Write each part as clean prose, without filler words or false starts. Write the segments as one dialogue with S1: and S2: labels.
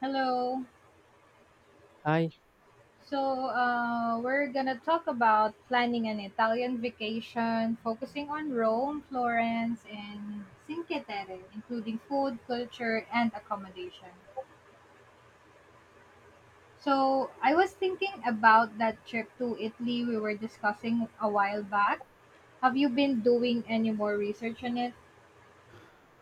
S1: Hello.
S2: Hi.
S1: So, we're gonna talk about planning an Italian vacation, focusing on Rome, Florence, and Cinque Terre, including food, culture, and accommodation. So, I was thinking about that trip to Italy we were discussing a while back. Have you been doing any more research on it?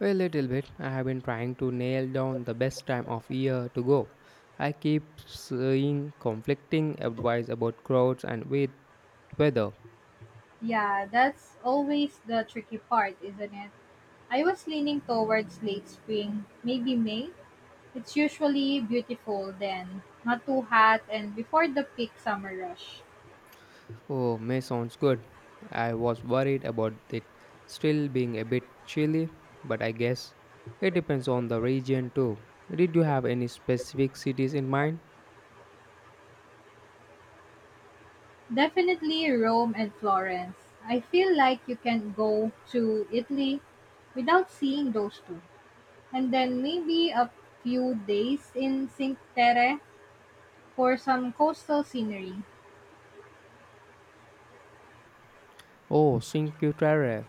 S2: A little bit. I have been trying to nail down the best time of year to go. I keep seeing conflicting advice about crowds and with weather.
S1: Yeah, that's always the tricky part, isn't it? I was leaning towards late spring, maybe May, it's usually beautiful then, not too hot and before the peak summer rush.
S2: Oh, May sounds good. I was worried about it still being a bit chilly, but I guess it depends on the region too. Did you have any specific cities in mind?
S1: Definitely Rome and Florence. I feel like you can go to Italy without seeing those two. And then maybe a few days in Cinque Terre for some coastal scenery,
S2: Oh, Cinque Terre.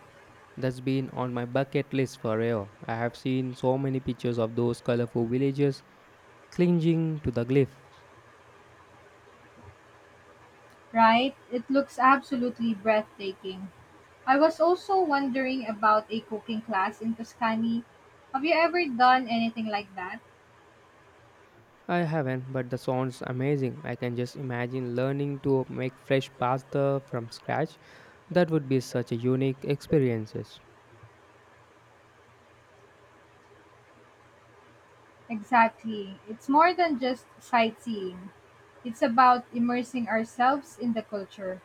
S2: That's been on my bucket list forever. I have seen so many pictures of those colorful villages clinging to the glyphs.
S1: right? It looks absolutely breathtaking. I was also wondering about a cooking class in Tuscany. Have you ever done anything like that?
S2: I haven't, but the sounds amazing. I can just imagine learning to make fresh pasta from scratch. That would be such a unique experiences.
S1: Exactly. It's more than just sightseeing, it's about immersing ourselves in the culture.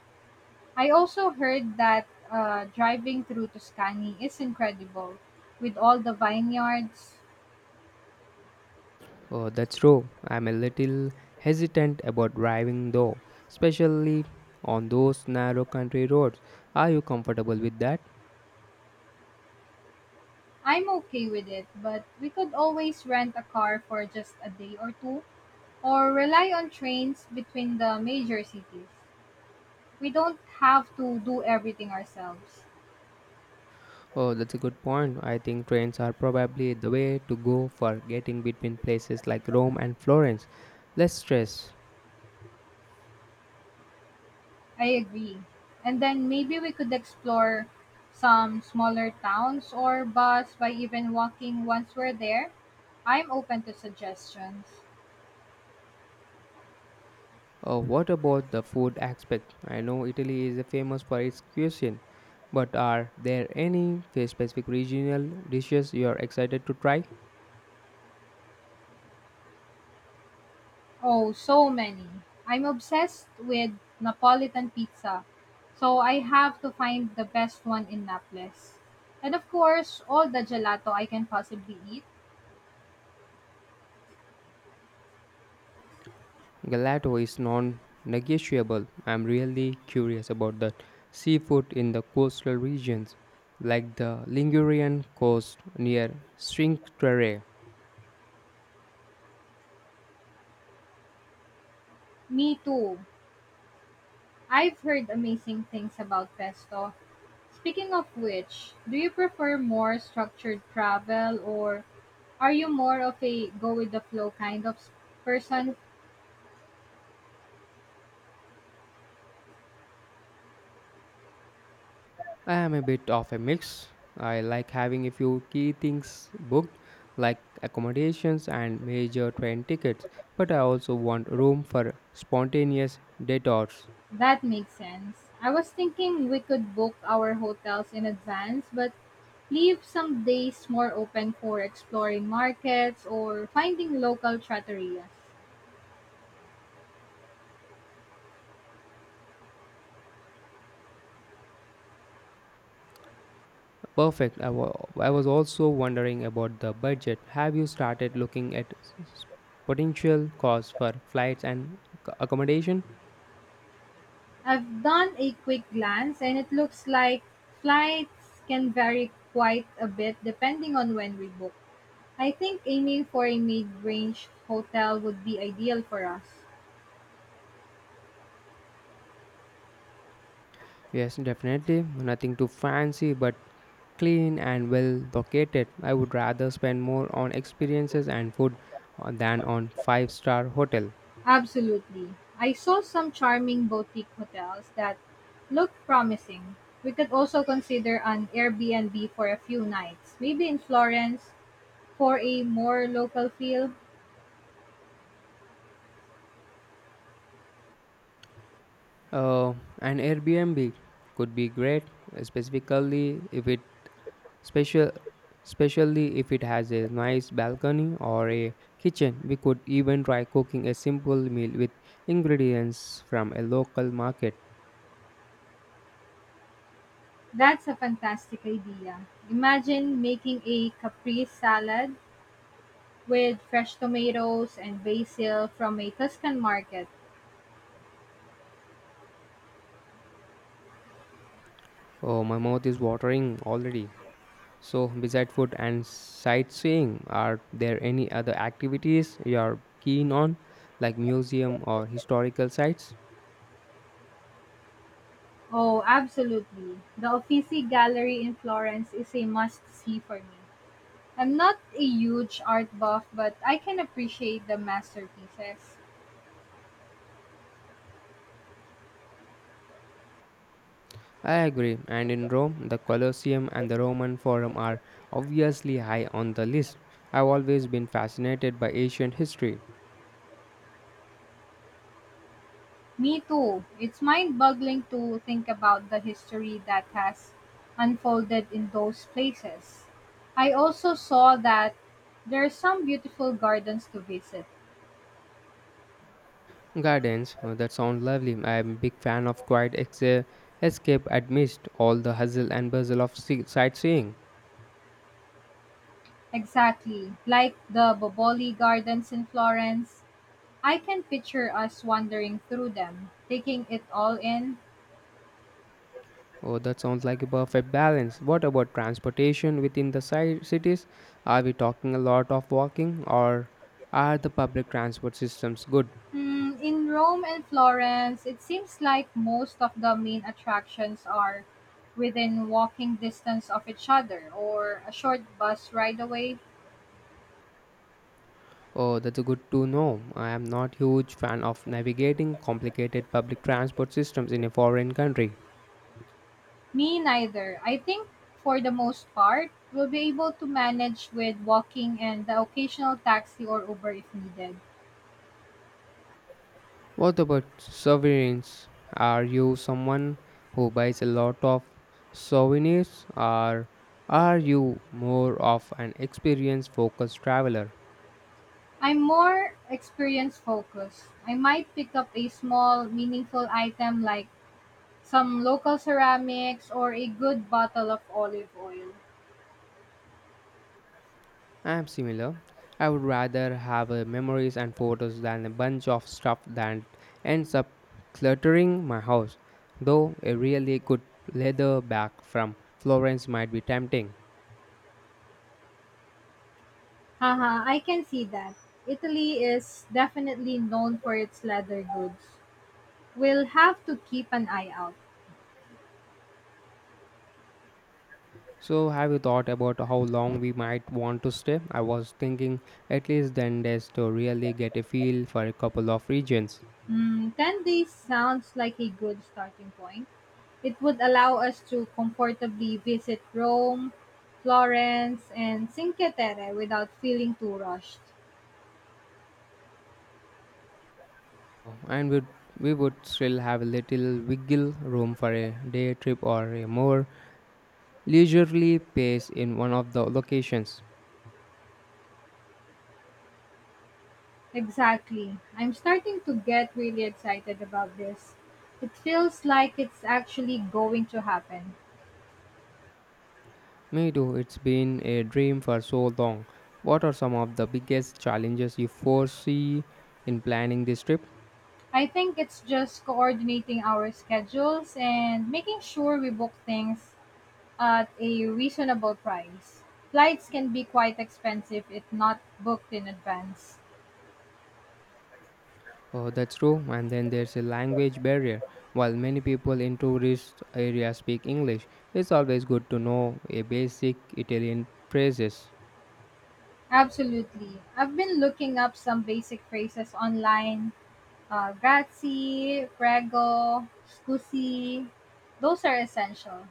S1: I also heard that driving through Tuscany is incredible with all the vineyards.
S2: Oh, that's true. I'm a little hesitant about driving though, especially on those narrow country roads. Are you comfortable with that?
S1: I'm okay with it, but we could always rent a car for just a day or two or rely on trains between the major cities. We don't have to do everything ourselves.
S2: Oh, that's a good point. I think trains are probably the way to go for getting between places like Rome and Florence. Less stress.
S1: I agree. And then maybe we could explore some smaller towns or bus by even walking once we're there. I'm open to suggestions.
S2: What about the food aspect? I know Italy is famous for its cuisine, but are there any specific regional dishes you are excited to try?
S1: Oh, so many. I'm obsessed with Napolitan pizza. So I have to find the best one in Naples. And of course, all the gelato I can possibly eat.
S2: Gelato is non-negotiable. I'm really curious about the seafood in the coastal regions, like the Ligurian coast near Cinque Terre.
S1: Me too. I've heard amazing things about pesto. Speaking of which, do you prefer more structured travel or are you more of a go with the flow kind of person?
S2: I am a bit of a mix. I like having a few key things booked, like accommodations and major train tickets, but I also want room for spontaneous detours.
S1: That makes sense. I was thinking we could book our hotels in advance, but leave some days more open for exploring markets or finding local trattorias.
S2: Perfect. I was also wondering about the budget. Have you started looking at potential costs for flights and accommodation?
S1: I've done a quick glance and it looks like flights can vary quite a bit depending on when we book. I think aiming for a mid-range hotel would be ideal for us.
S2: Yes, definitely. Nothing too fancy, but clean and well located. I would rather spend more on experiences and food than on five-star hotel.
S1: Absolutely. I saw some charming boutique hotels that looked promising. We could also consider an Airbnb for a few nights, maybe in Florence for a more local feel.
S2: Uh, an Airbnb could be great, specifically if it special, especially if it has a nice balcony or a kitchen. We could even try cooking a simple meal with ingredients from a local market.
S1: That's a fantastic idea. Imagine making a caprese salad with fresh tomatoes and basil from a Tuscan market.
S2: Oh, my mouth is watering already. So, beside food and sightseeing, are there any other activities you're keen on, like museum or historical sites?
S1: Oh, absolutely. The Uffizi Gallery in Florence is a must-see for me. I'm not a huge art buff, but I can appreciate the masterpieces.
S2: I agree, and in Rome, the Colosseum and the Roman Forum are obviously high on the list. I've always been fascinated by ancient history.
S1: Me too. It's mind-boggling to think about the history that has unfolded in those places. I also saw that there are some beautiful gardens to visit.
S2: Gardens, that sound lovely. I'm a big fan of quiet escape amidst all the hustle and bustle of sightseeing.
S1: Exactly, like the Boboli Gardens in Florence. I can picture us wandering through them, taking it all in.
S2: Oh, that sounds like a perfect balance. What about transportation within the cities? Are we talking a lot of walking or are the public transport systems good?
S1: Hmm, in Rome and Florence, it seems like most of the main attractions are within walking distance of each other or a short bus ride away.
S2: Oh, that's good to know. I am not huge fan of navigating complicated public transport systems in a foreign country.
S1: Me neither. I think for the most part, we'll be able to manage with walking and the occasional taxi or Uber if needed.
S2: What about souvenirs? Are you someone who buys a lot of souvenirs or are you more of an experience focused traveler?
S1: I'm more experience focused. I might pick up a small, meaningful item like some local ceramics or a good bottle of olive oil.
S2: I'm similar. I would rather have memories and photos than a bunch of stuff that ends up cluttering my house. Though a really good leather bag from Florence might be tempting.
S1: Haha, I can see that. Italy is definitely known for its leather goods. We'll have to keep an eye out.
S2: So, have you thought about how long we might want to stay? I was thinking at least 10 days to really get a feel for a couple of regions.
S1: Hmm, 10 days sounds like a good starting point. It would allow us to comfortably visit Rome, Florence, and Cinque Terre without feeling too rushed.
S2: And we'd, we would still have a little wiggle room for a day trip or a more leisurely pace in one of the locations.
S1: Exactly. I'm starting to get really excited about this. It feels like it's actually going to happen.
S2: Me too, it's been a dream for so long. What are some of the biggest challenges you foresee in planning this trip?
S1: I think it's just coordinating our schedules and making sure we book things at a reasonable price. Flights can be quite expensive if not booked in advance.
S2: Oh, that's true. And then there's a language barrier. While many people in tourist areas speak English, it's always good to know a basic Italian phrases.
S1: Absolutely. I've been looking up some basic phrases online. Grazie, prego, scusi. Those are essential.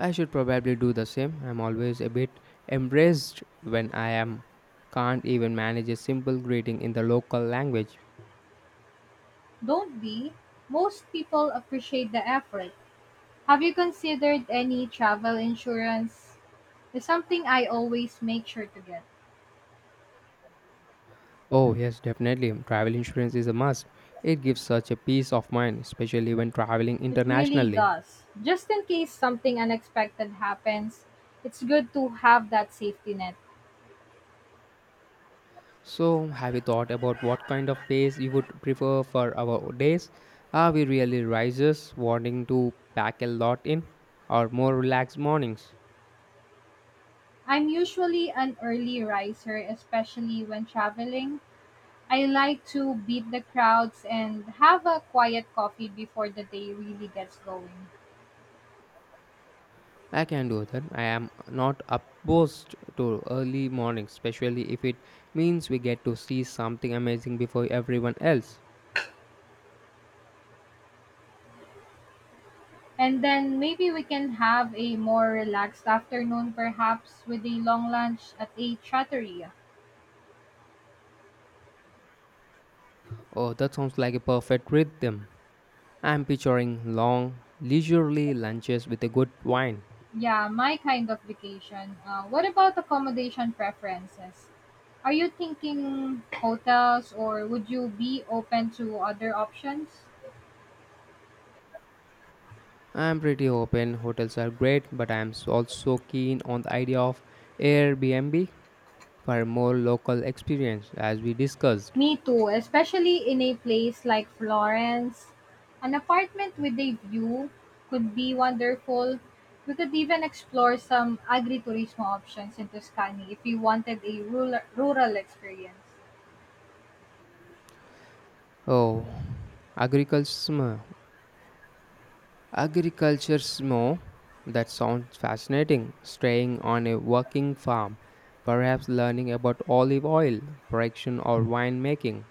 S2: I should probably do the same. I'm always a bit embarrassed when I am can't even manage a simple greeting in the local language.
S1: Don't be. Most people appreciate the effort. Have you considered any travel insurance? It's something I always make sure to get.
S2: Oh, yes, definitely. Travel insurance is a must. It gives such a peace of mind, especially when traveling
S1: It really
S2: internationally.
S1: does. Just in case something unexpected happens, it's good to have that safety net.
S2: So, have you thought about what kind of pace you would prefer for our days? Are we really risers wanting to pack a lot in, or more relaxed mornings?
S1: I'm usually an early riser, especially when traveling. I like to beat the crowds and have a quiet coffee before the day really gets going.
S2: I can do that. I am not opposed to early mornings, especially if it means we get to see something amazing before everyone else.
S1: And then maybe we can have a more relaxed afternoon, perhaps with a long lunch at a trattoria.
S2: Oh, that sounds like a perfect rhythm. I'm picturing long, leisurely lunches with a good wine.
S1: Yeah, my kind of vacation. What about accommodation preferences? Are you thinking hotels or would you be open to other options?
S2: I'm pretty open, hotels are great, but I'm also keen on the idea of Airbnb for a more local experience, as we discussed.
S1: Me too, especially in a place like Florence. An apartment with a view could be wonderful. We could even explore some agriturismo options in Tuscany if you wanted a rural experience.
S2: Oh, agriculture. Agriculture That sounds fascinating. Staying on a working farm, perhaps learning about olive oil production or winemaking.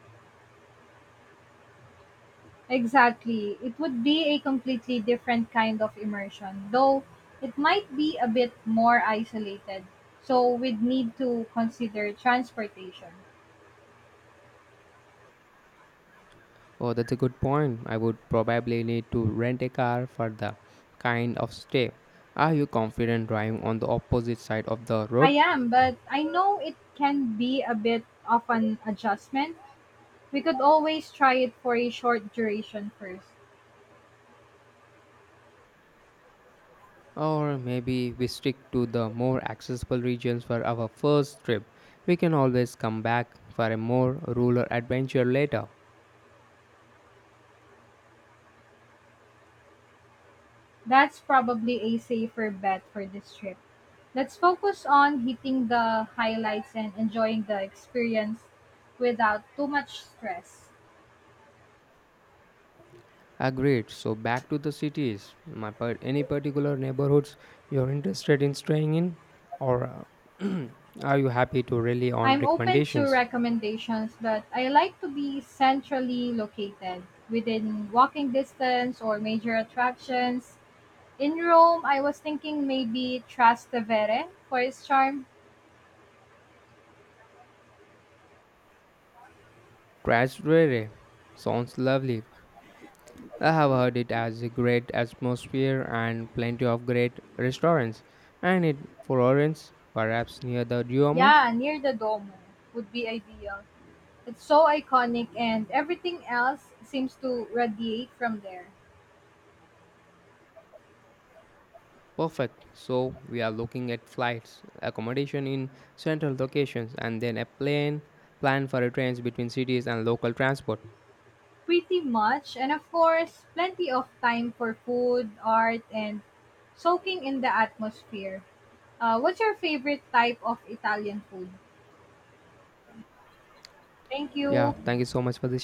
S1: Exactly. It would be a completely different kind of immersion, though it might be a bit more isolated. So we'd need to consider transportation.
S2: Oh, that's a good point. I would probably need to rent a car for the kind of stay. Are you confident driving on the opposite side of the
S1: I
S2: road?
S1: am, but I know it can be a bit of an adjustment. We could always try it for a short duration first.
S2: Or maybe we stick to the more accessible regions for our first trip. We can always come back for a more rural adventure later.
S1: That's probably a safer bet for this trip. Let's focus on hitting the highlights and enjoying the experience without too much stress.
S2: Agreed. So back to the cities. Any particular neighborhoods you're interested in staying in, or uh, are you happy to rely on
S1: I'm open to
S2: recommendations?
S1: recommendations, but I like to be centrally located within walking distance or major attractions. In Rome, I was thinking maybe Trastevere for its charm.
S2: Trastevere sounds lovely. I have heard it has a great atmosphere and plenty of great restaurants. And in Florence, perhaps near the Duomo.
S1: Yeah, near the Duomo would be ideal. It's so iconic and everything else seems to radiate from there.
S2: Perfect. So we are looking at flights, accommodation in central locations, and then a plan for a trains between cities and local transport.
S1: Pretty much, and of course, plenty of time for food, art, and soaking in the atmosphere. What's your favorite type of Italian food? Thank
S2: Yeah,
S1: you.
S2: thank you so much for this